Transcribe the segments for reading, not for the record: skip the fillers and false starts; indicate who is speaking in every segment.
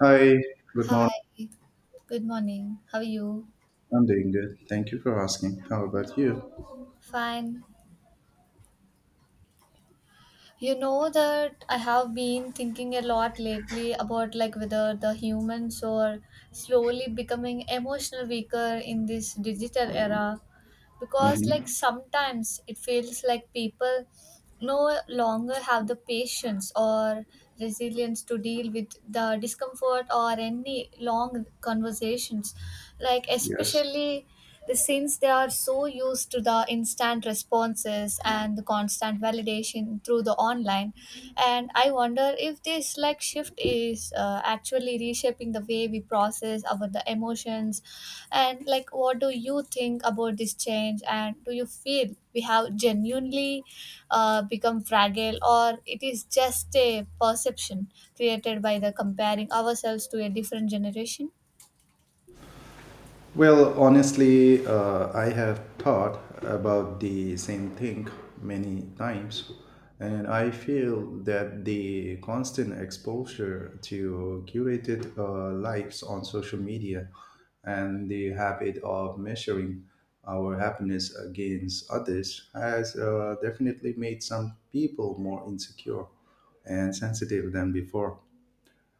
Speaker 1: Hi, good morning.
Speaker 2: Hi, good morning. How are you?
Speaker 1: I'm doing good. Thank you for asking. How about you?
Speaker 2: Fine. You know that I have been thinking a lot lately about like whether the humans are slowly becoming emotional weaker in this digital era because like
Speaker 1: Hmm.
Speaker 2: sometimes it feels like people no longer have the patience or resilience to deal with the discomfort or any long conversations like
Speaker 1: Yes.
Speaker 2: especially since they are so used to the instant responses and the constant validation through the online, and I wonder if this like shift is actually reshaping the way we process our the emotions, and like what do you think about this change? And do you feel we have genuinely become fragile, or it is just a perception created by the comparing ourselves to a different generation?
Speaker 1: Well, honestly, I have thought about the same thing many times, and I feel that the constant exposure to curated lives on social media and the habit of measuring our happiness against others has definitely made some people more insecure and sensitive than before.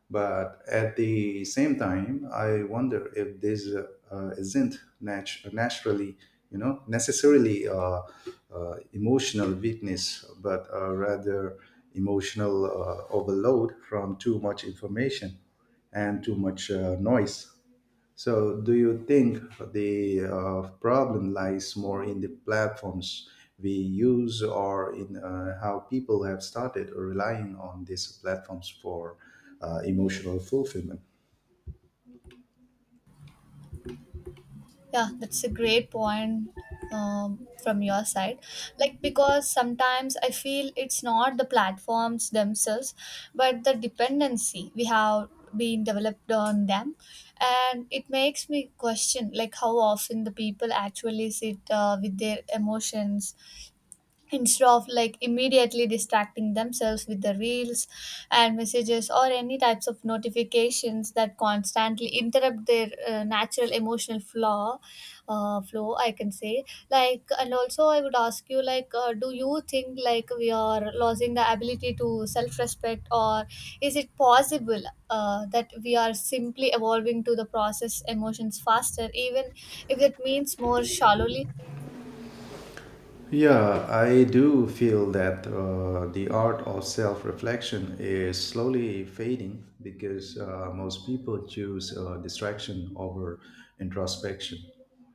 Speaker 1: But at the same time, I wonder if this isn't necessarily emotional weakness, but rather emotional overload from too much information and too much noise. So, do you think the problem lies more in the platforms we use or in how people have started relying on these platforms for emotional fulfillment?
Speaker 2: Yeah, that's a great point from your side. Like, because sometimes I feel it's not the platforms themselves, but the dependency we have been developed on them. And it makes me question, like, how often the people actually sit with their emotions instead of like immediately distracting themselves with the reels and messages or any types of notifications that constantly interrupt their natural emotional flow I can say. Like and also I would ask you like do you think like we are losing the ability to self respect, or is it possible that we are simply evolving to the process emotions faster even if that means more shallowly?
Speaker 1: Yeah, I do feel that the art of self reflection is slowly fading because most people choose distraction over introspection.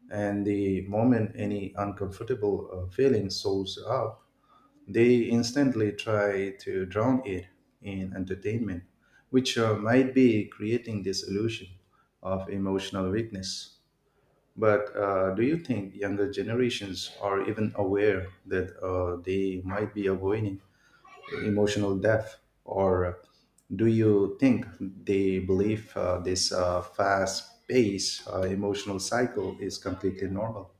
Speaker 1: And the moment any uncomfortable feeling shows up, they instantly try to drown it in entertainment, which might be creating this illusion of emotional weakness. But do you think younger generations are even aware that they might be avoiding emotional depth? Or do you think they believe this fast paced emotional cycle is completely normal?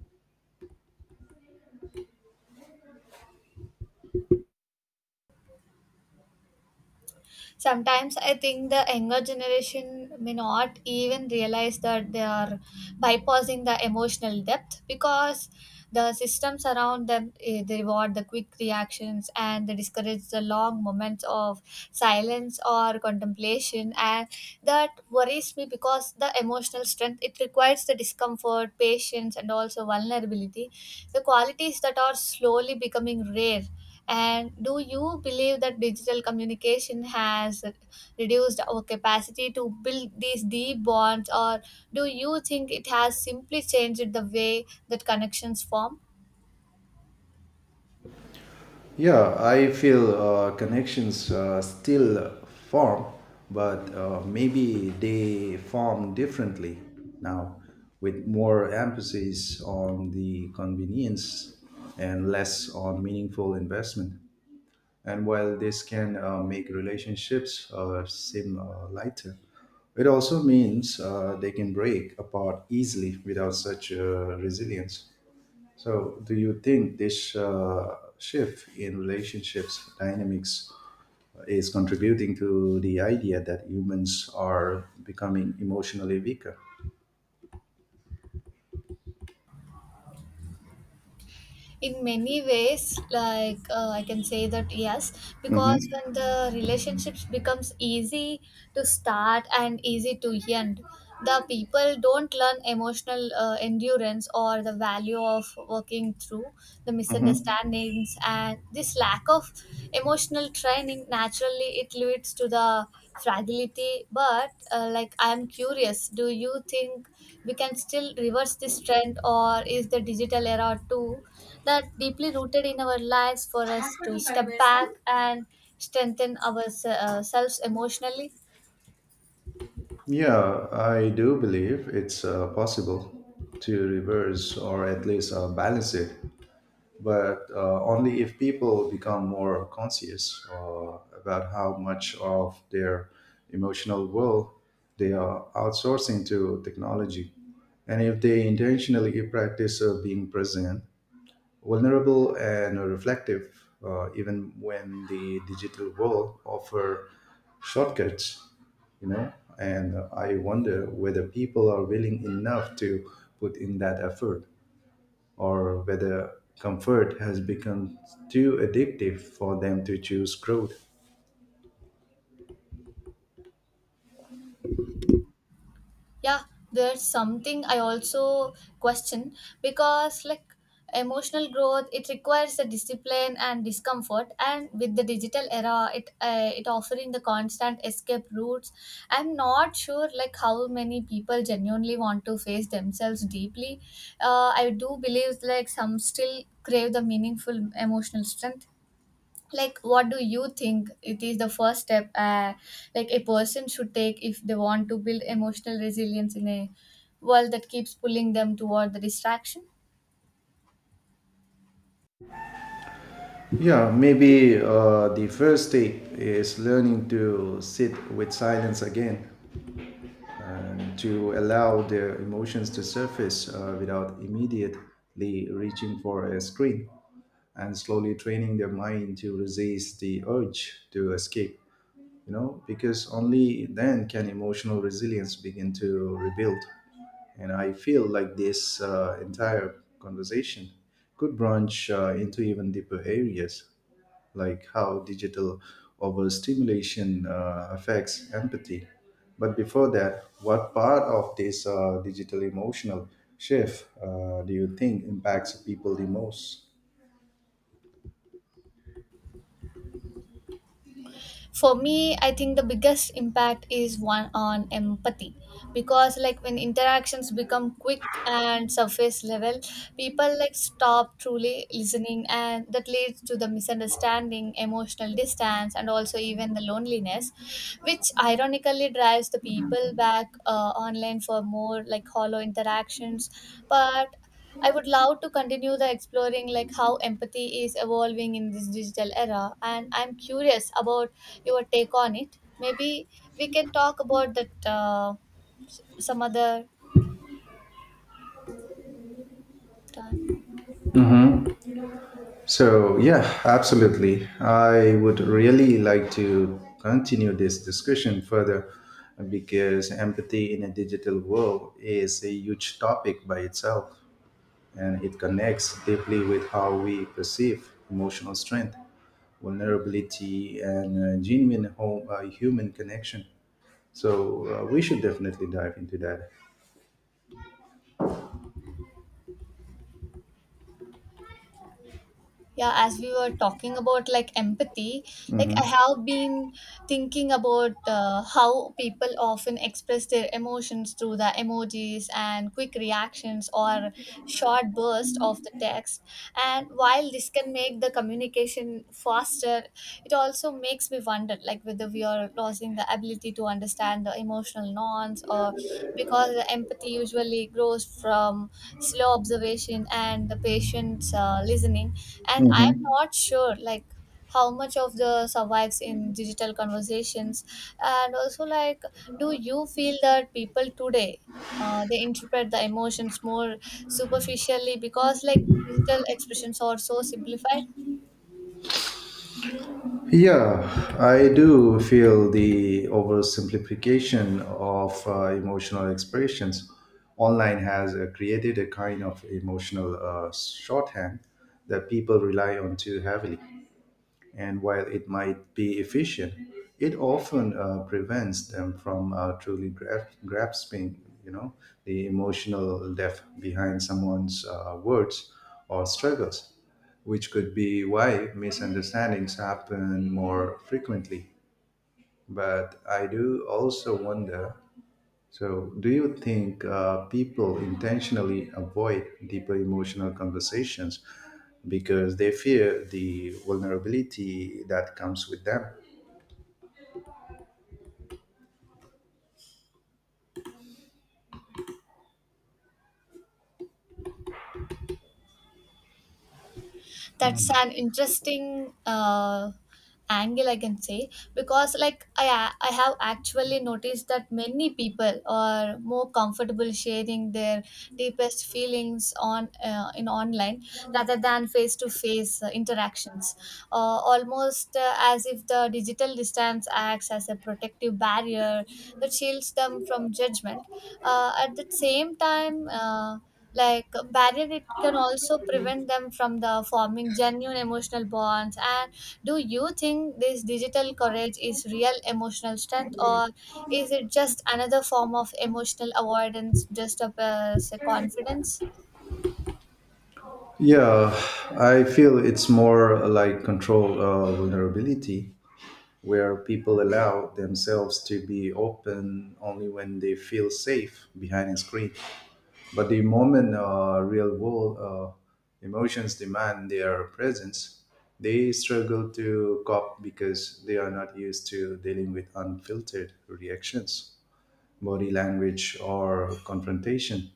Speaker 2: Sometimes I think the younger generation may not even realize that they are bypassing the emotional depth because the systems around them they reward the quick reactions and they discourage the long moments of silence or contemplation, and that worries me because the emotional strength it requires the discomfort patience and also vulnerability, the qualities that are slowly becoming rare. And do you believe that digital communication has reduced our capacity to build these deep bonds, or do you think it has simply changed the way that connections form?
Speaker 1: Yeah, I feel connections still form, but maybe they form differently now, with more emphasis on the convenience and less on meaningful investment. And while this can make relationships seem lighter, it also means they can break apart easily without such resilience. So, do you think this shift in relationships dynamics is contributing to the idea that humans are becoming emotionally weaker?
Speaker 2: In many ways like I can say that yes, because
Speaker 1: Hmm.
Speaker 2: when the relationships becomes easy to start and easy to end the people don't learn emotional endurance or the value of working through the
Speaker 1: Hmm.
Speaker 2: misunderstandings, and this lack of emotional training naturally it leads to the fragility. But like I am curious, do you think we can still reverse this trend, or is the digital era too that deeply rooted in our lives for us to step back and strengthen ourselves emotionally?
Speaker 1: Yeah, I do believe it's possible to reverse or at least balance it. But only if people become more conscious about how much of their emotional world they are outsourcing to technology. And if they intentionally practice being present, vulnerable, and reflective, even when the digital world offer shortcuts, you know. And I wonder whether people are willing enough to put in that effort or whether comfort has become too addictive for them to choose growth.
Speaker 2: Yeah, there's something I also question because like emotional growth it requires the discipline and discomfort, and with the digital era it offering the constant escape routes, I'm not sure like how many people genuinely want to face themselves deeply. I do believe like some still crave the meaningful emotional strength. Like, what do you think it is the first step like a person should take if they want to build emotional resilience in a world that keeps pulling them toward the distraction?
Speaker 1: Yeah, maybe the first step is learning to sit with silence again and to allow their emotions to surface without immediately reaching for a screen and slowly training their mind to resist the urge to escape. Because only then can emotional resilience begin to rebuild. And I feel like this entire conversation could branch into even deeper areas, like how digital overstimulation affects empathy. But before that, what part of this digital emotional shift do you think impacts people the most?
Speaker 2: For me I think the biggest impact is one on empathy, because like when interactions become quick and surface level people like stop truly listening, and that leads to the misunderstanding emotional distance and also even the loneliness, which ironically drives the people back online for more like hollow interactions. But I would love to continue the exploring like how empathy is evolving in this digital era, and I'm curious about your take on it. Maybe we can talk about that some other time.
Speaker 1: So, yeah, absolutely. I would really like to continue this discussion further because empathy in a digital world is a huge topic by itself, and it connects deeply with how we perceive emotional strength, vulnerability, and genuine human connection. So, we should definitely dive into that.
Speaker 2: Yeah, as we were talking about like empathy, like I have been thinking about how people often express their emotions through the emojis and quick reactions or short bursts of the text, and while this can make the communication faster it also makes me wonder like whether we are losing the ability to understand the emotional norms, or because the empathy usually grows from slow observation and the patient's listening, and I am
Speaker 1: Mhm.
Speaker 2: not sure like how much of the survives in digital conversations. And also like, do you feel that people today they interpret the emotions more superficially because like digital expressions are so simplified?
Speaker 1: Yeah, I do feel the oversimplification of emotional expressions online has created a kind of emotional shorthand that people rely on too heavily. And while it might be efficient, it often prevents them from truly grasping the emotional depth behind someone's words or struggles, which could be why misunderstandings happen more frequently. But I do also wonder, so, do you think people intentionally avoid deeper emotional conversations because they fear the vulnerability that comes with them?
Speaker 2: That's an interesting angle I can say, because like I have actually noticed that many people are more comfortable sharing their deepest feelings on in online rather than face to face interactions, almost as if the digital distance acts as a protective barrier that shields them from judgment. At the same time like barrier it can also prevent them from the forming genuine emotional bonds. And do you think this digital courage is real emotional strength, or is it just another form of emotional avoidance just of say, confidence?
Speaker 1: Yeah, I feel it's more like control vulnerability, where people allow themselves to be open only when they feel safe behind a screen. But the moment real world emotions demand their presence, they struggle to cope because they are not used to dealing with unfiltered reactions, body language, or confrontation.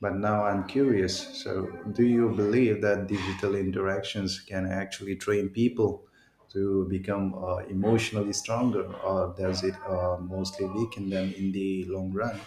Speaker 1: But now I'm curious. So, do you believe that digital interactions can actually train people to become emotionally stronger, or does it mostly weaken them in the long run?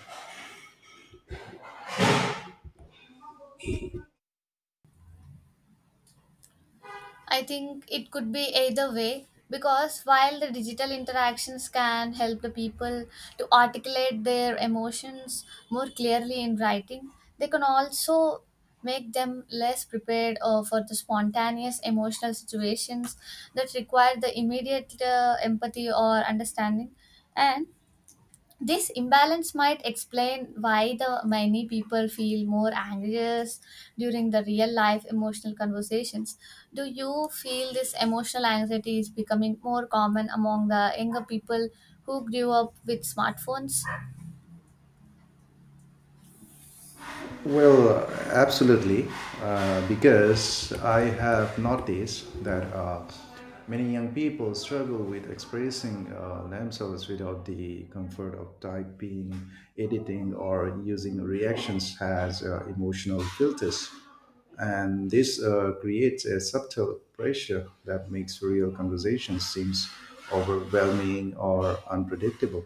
Speaker 2: I think it could be either way, because while the digital interactions can help the people to articulate their emotions more clearly in writing, they can also make them less prepared for the spontaneous emotional situations that require the immediate empathy or understanding. And this imbalance might explain why the many people feel more anxious during the real life emotional conversations. Do you feel this emotional anxiety is becoming more common among the younger people who grew up with smartphones?
Speaker 1: Well, absolutely, because I have noticed that many young people struggle with expressing themselves without the comfort of typing, editing, or using reactions as emotional filters. And this creates a subtle pressure that makes real conversations seems overwhelming or unpredictable.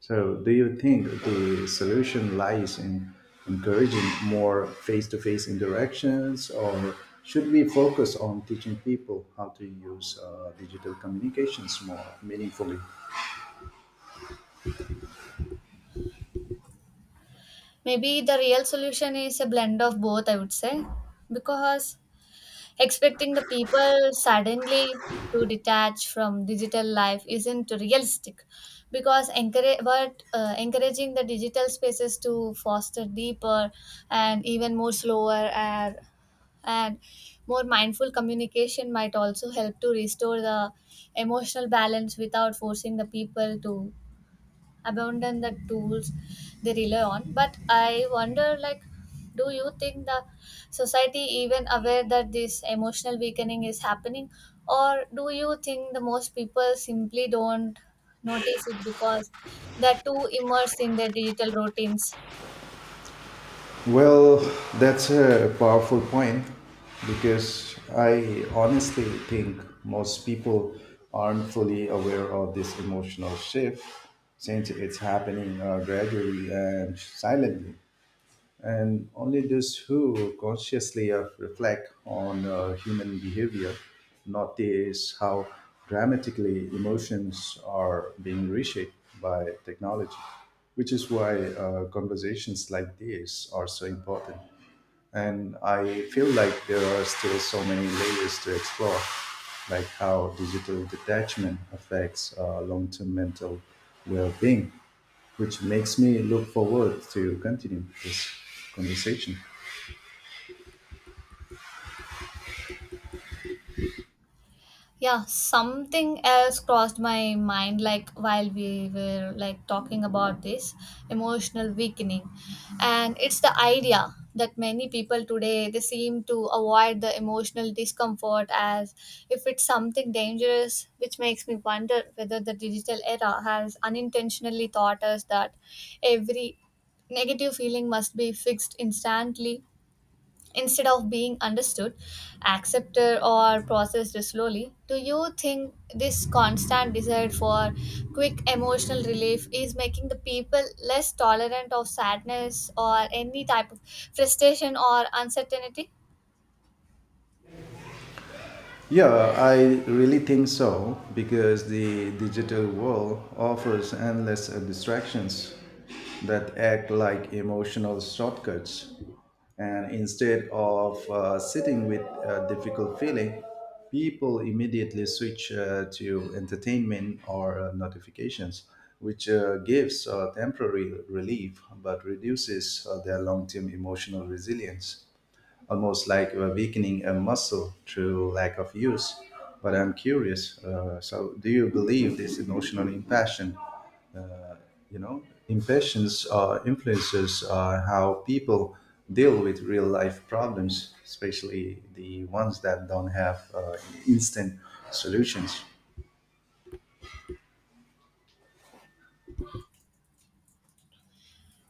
Speaker 1: So, do you think the solution lies in encouraging more face to face interactions, or should we focus on teaching people how to use digital communications more meaningfully?
Speaker 2: Maybe the real solution is a blend of both, I would say, because expecting the people suddenly to detach from digital life isn't realistic because encourage, but encouraging the digital spaces to foster deeper and even more slower and more mindful communication might also help to restore the emotional balance without forcing the people to abandon the tools they rely on. But I wonder like, do you think the society even aware that this emotional weakening is happening, or do you think the most people simply don't notice it because they're too immersed in their digital routines?
Speaker 1: Well, that's a powerful point because I honestly think most people aren't fully aware of this emotional shift since it's happening gradually and silently. And only those who consciously reflect on human behavior notice how dramatically emotions are being reshaped by technology, which is why conversations like this are so important. And I feel like there are still so many layers to explore, like how digital detachment affects long term mental well being, which makes me look forward to continue this conversation.
Speaker 2: Yeah, something else crossed my mind like while we were like talking about this emotional weakening, and it's the idea that many people today they seem to avoid the emotional discomfort as if it's something dangerous, which makes me wonder whether the digital era has unintentionally taught us that every negative feeling must be fixed instantly instead of being understood, accepted, or processed slowly? Do you think this constant desire for quick emotional relief is making the people less tolerant of sadness or any type of frustration or uncertainty?
Speaker 1: Yeah, I really think so because the digital world offers endless distractions that act like emotional shortcuts. And instead of sitting with a difficult feeling, people immediately switch to entertainment or notifications, which gives temporary relief but reduces their long term emotional resilience, almost like weakening a muscle through lack of use. But I'm curious. So, do you believe this emotional you know, impatience influences how people deal with real life problems, especially the ones that don't have instant solutions?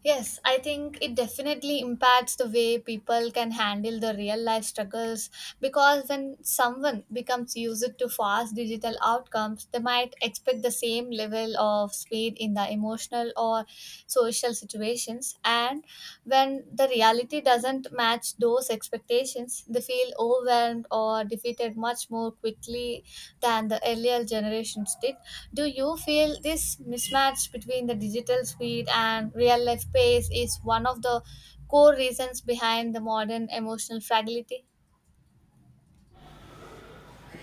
Speaker 2: Yes, I think it definitely impacts the way people can handle the real life struggles, because when someone becomes used to fast digital outcomes, they might expect the same level of speed in the emotional or social situations. And when the reality doesn't match those expectations, they feel overwhelmed or defeated much more quickly than the earlier generations did. Do you feel this mismatch between the digital speed and real life pace is one of the core reasons behind the modern emotional fragility?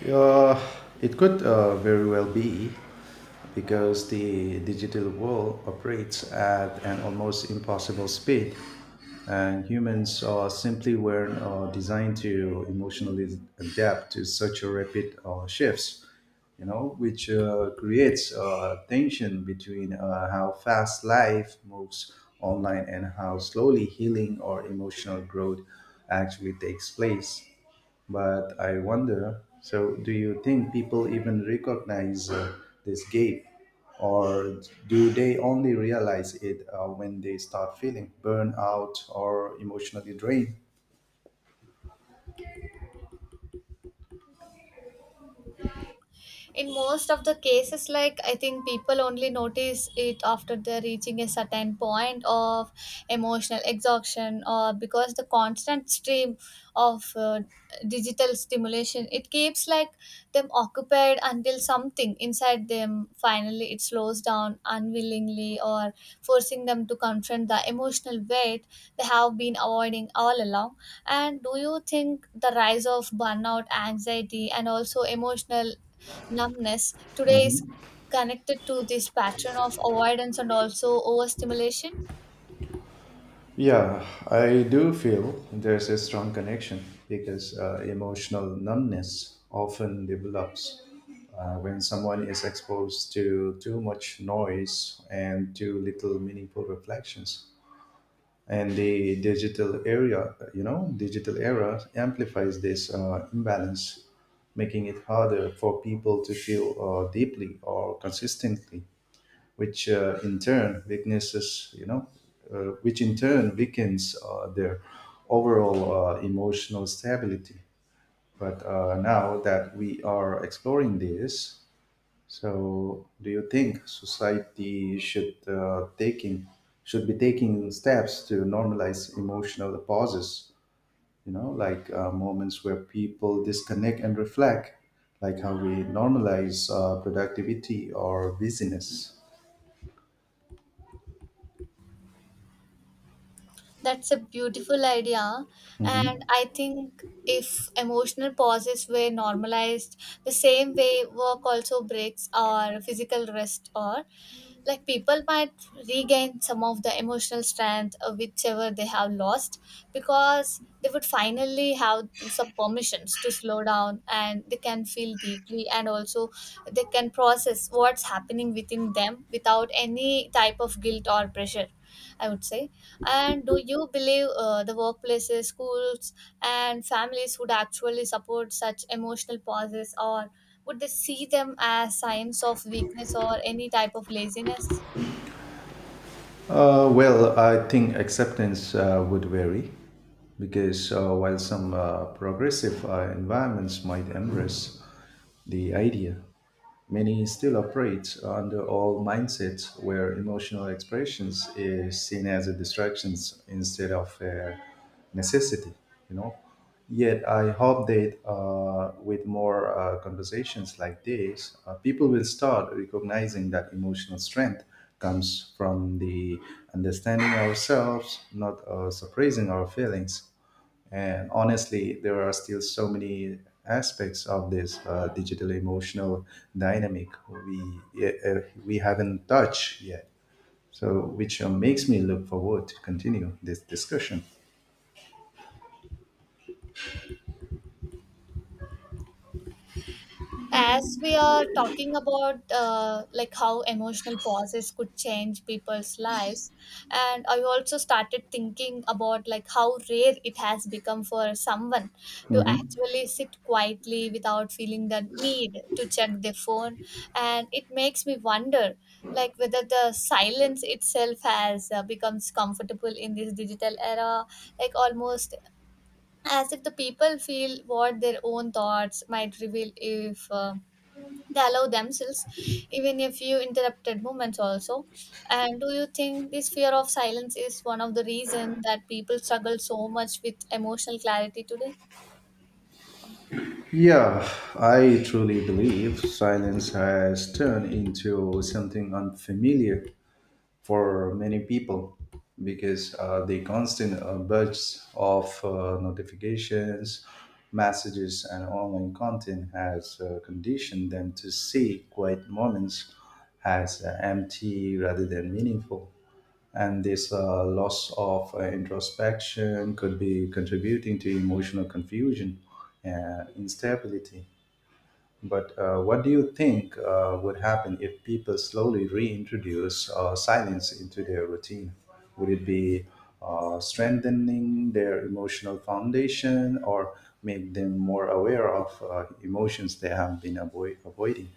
Speaker 1: Uh, it could very well be because the digital world operates at an almost impossible speed, and humans simply weren't designed to emotionally adapt to such a rapid shifts. Which creates tension between how fast life moves online and how slowly healing or emotional growth actually takes place. But I wonder, so, do you think people even recognize this gap? Or do they only realize it when they start feeling burnout or emotionally drained?
Speaker 2: In most of the cases like I think people only notice it after they're reaching a certain point of emotional exhaustion, or because the constant stream of digital stimulation it keeps like them occupied until something inside them finally it slows down unwillingly or forcing them to confront the emotional weight they have been avoiding all along. And do you think the rise of burnout anxiety and also emotional numbness today is
Speaker 1: Mhm.
Speaker 2: connected to this pattern of avoidance and also overstimulation?
Speaker 1: Yeah, I do feel there's a strong connection because emotional numbness often develops when someone is exposed to too much noise and too little meaningful reflections. And the digital area you know digital era amplifies this imbalance, making it harder for people to feel deeply or consistently, which in turn weakens their overall emotional stability. But now that we are exploring this, so, do you think society should be taking steps to normalize emotional pauses? Like moments where people disconnect and reflect, like how we normalize productivity or busyness.
Speaker 2: That's a beautiful idea. And
Speaker 1: Mhm.
Speaker 2: I think if emotional pauses were normalized the same way work also breaks or physical rest or like people might regain some of the emotional strength whichever they have lost, because they would finally have some permissions to slow down and they can feel deeply and also they can process what's happening within them without any type of guilt or pressure, I would say. And do you believe the workplaces, schools, and families would actually support such emotional pauses, or would they see them as signs of weakness or any type of laziness?
Speaker 1: Well, I think acceptance would vary because while some progressive environments might embrace the idea, many still operate under old mindsets where emotional expressions is seen as a distraction instead of a necessity you know yet I hope that with more conversations like this, people will start recognizing that emotional strength comes from the understanding ourselves, not suppressing our feelings. And honestly, there are still so many aspects of this digital emotional dynamic we haven't touched yet. So, which makes me look forward to continue this discussion.
Speaker 2: As we are talking about like how emotional pauses could change people's lives, and I also started thinking about like how rare it has become for someone to
Speaker 1: Mhm.
Speaker 2: actually sit quietly without feeling the need to check their phone. And it makes me wonder like whether the silence itself has becomes comfortable in this digital era, like almost as if the people feel what their own thoughts might reveal if they allow themselves even a few interrupted moments also. And do you think this fear of silence is one of the reasons that people struggle so much with emotional clarity today?
Speaker 1: Yeah, I truly believe silence has turned into something unfamiliar for many people because the constant burst of notifications, messages, and online content has conditioned them to see quiet moments as empty rather than meaningful. And this loss of introspection could be contributing to emotional confusion and instability. But what do you think would happen if people slowly reintroduce silence into their routine? Would it be strengthening their emotional foundation, or make them more aware of emotions they have been avoiding?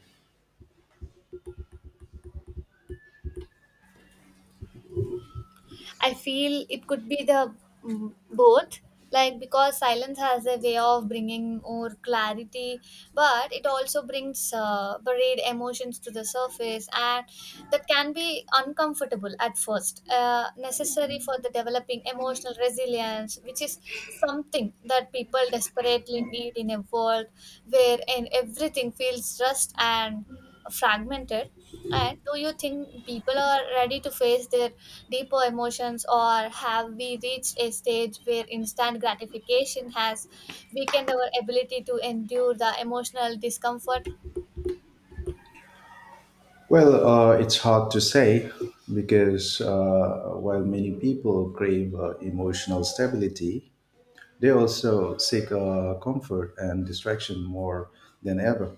Speaker 2: I feel it could be the both, like because silence has a way of bringing more clarity, but it also brings buried emotions to the surface, and that can be uncomfortable at first. Necessary for the developing emotional resilience, which is something that people desperately need in a world where and everything feels rushed and fragmented. And do you think people are ready to face their deeper emotions, or have we reached a stage where instant gratification has weakened our ability to endure the emotional discomfort?
Speaker 1: Well, it's hard to say because while many people crave emotional stability, they also seek comfort and distraction more than ever.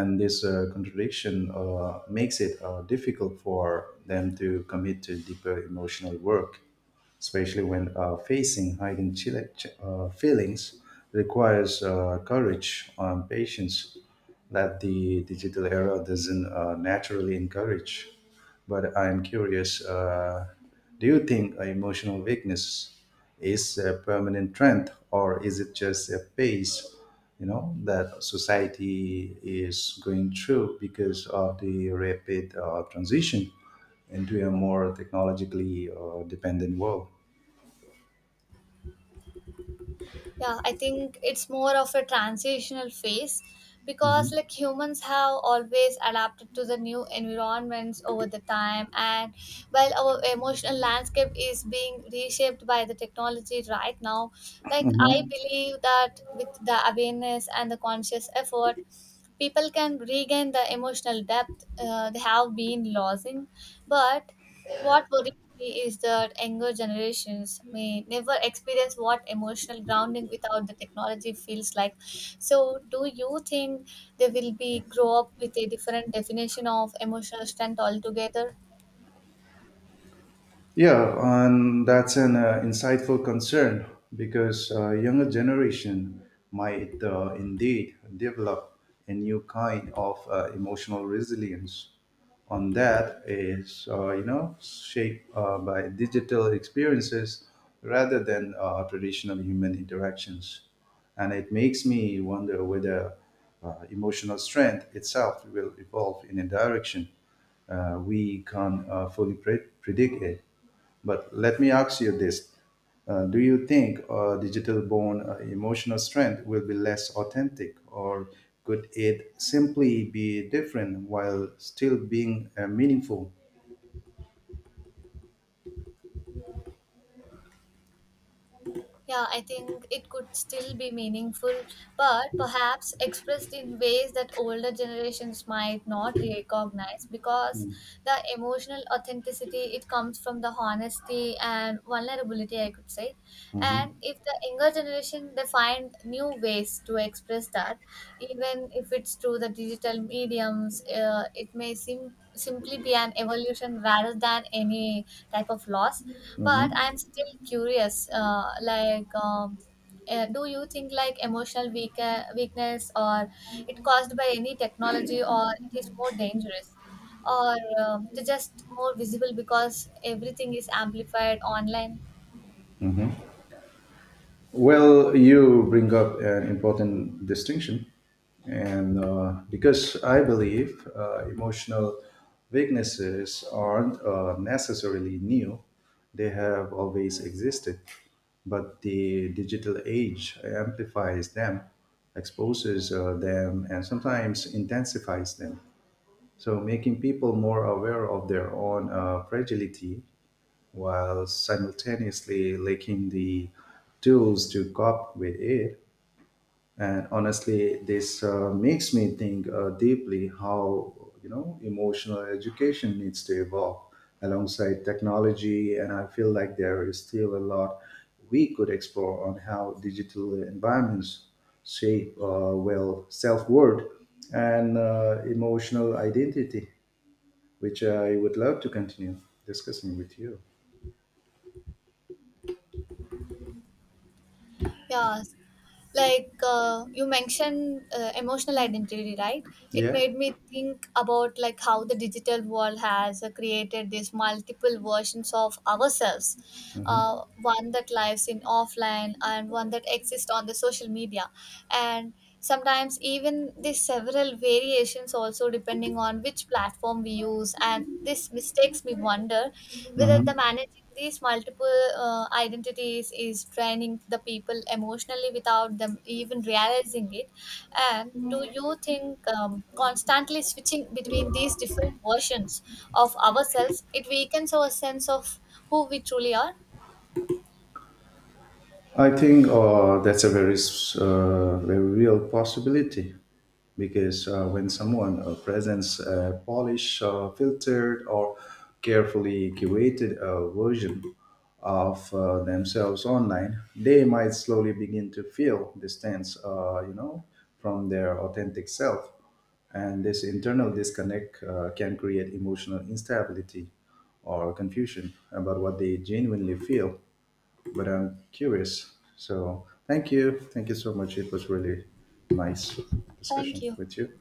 Speaker 1: And this contradiction makes it difficult for them to commit to deeper emotional work, especially when facing feelings requires courage and patience that the digital era doesn't naturally encourage. But I'm curious, do you think emotional weakness is a permanent trend or is it just a phase, that society is going through because of the rapid transition into a more technologically dependent world?
Speaker 2: Yeah, I think it's more of a transitional phase because
Speaker 1: Mhm.
Speaker 2: like humans have always adapted to the new environments over the time, and while our emotional landscape is being reshaped by the technology right now, like I
Speaker 1: Mhm.
Speaker 2: believe that with the awareness and the conscious effort people can regain the emotional depth they have been losing. But what worries is that younger generations may never experience what emotional grounding without the technology feels like. So, do you think they will be grow up with a different definition of emotional strength altogether?
Speaker 1: Yeah, and that's an insightful concern because younger generation might indeed develop a new kind of emotional resilience. On that is shaped by digital experiences rather than traditional human interactions, and it makes me wonder whether emotional strength itself will evolve in a direction we can fully predict it. But let me ask you this. Do you think digital born emotional strength will be less authentic, or could it simply be different while still being meaningful?
Speaker 2: Yeah, I think it could still be meaningful, but perhaps expressed in ways that older generations might not recognize because the emotional authenticity it comes from the honesty and vulnerability, I could say.
Speaker 1: Mhm.
Speaker 2: And if the younger generation they find new ways to express that, even if it's through the digital mediums, it may seem simply be an evolution rather than any type of loss. But I'm
Speaker 1: Mhm.
Speaker 2: still curious like do you think like emotional weakness or it caused by any technology or it is more dangerous, or they're just more visible because everything is amplified online?
Speaker 1: Mhm. Well, you bring up an important distinction, and because I believe emotional weaknesses aren't necessarily new, they have always existed. But the digital age amplifies them, exposes them, and sometimes intensifies them. So, making people more aware of their own fragility while simultaneously lacking the tools to cope with it. And honestly, this makes me think deeply how emotional education needs to evolve alongside technology, and I feel like there is still a lot we could explore on how digital environments shape, well, self-worth and emotional identity, which I would love to continue discussing with you.
Speaker 2: Yeah, like you mentioned emotional identity right? It
Speaker 1: Yeah.
Speaker 2: made me think about like how the digital world has created these multiple versions of ourselves, one that lives in offline and one that exists on the social media. And sometimes even these several variations also depending on which platform we use, and this mistakes me wonder whether
Speaker 1: Mhm.
Speaker 2: the managing these multiple identities is draining the people emotionally without them even realizing it. And do you think constantly switching between these different versions of ourselves it weakens our sense of who we truly are?
Speaker 1: I think that's a very, very real possibility because when someone presents a polished, filtered, or carefully curated version of themselves online, they might slowly begin to feel distance, from their authentic self. And this internal disconnect can create emotional instability or confusion about what they genuinely feel, but I'm curious. So, thank you. Thank you so much. It was really nice
Speaker 2: Thank
Speaker 1: discussion
Speaker 2: you.
Speaker 1: with you.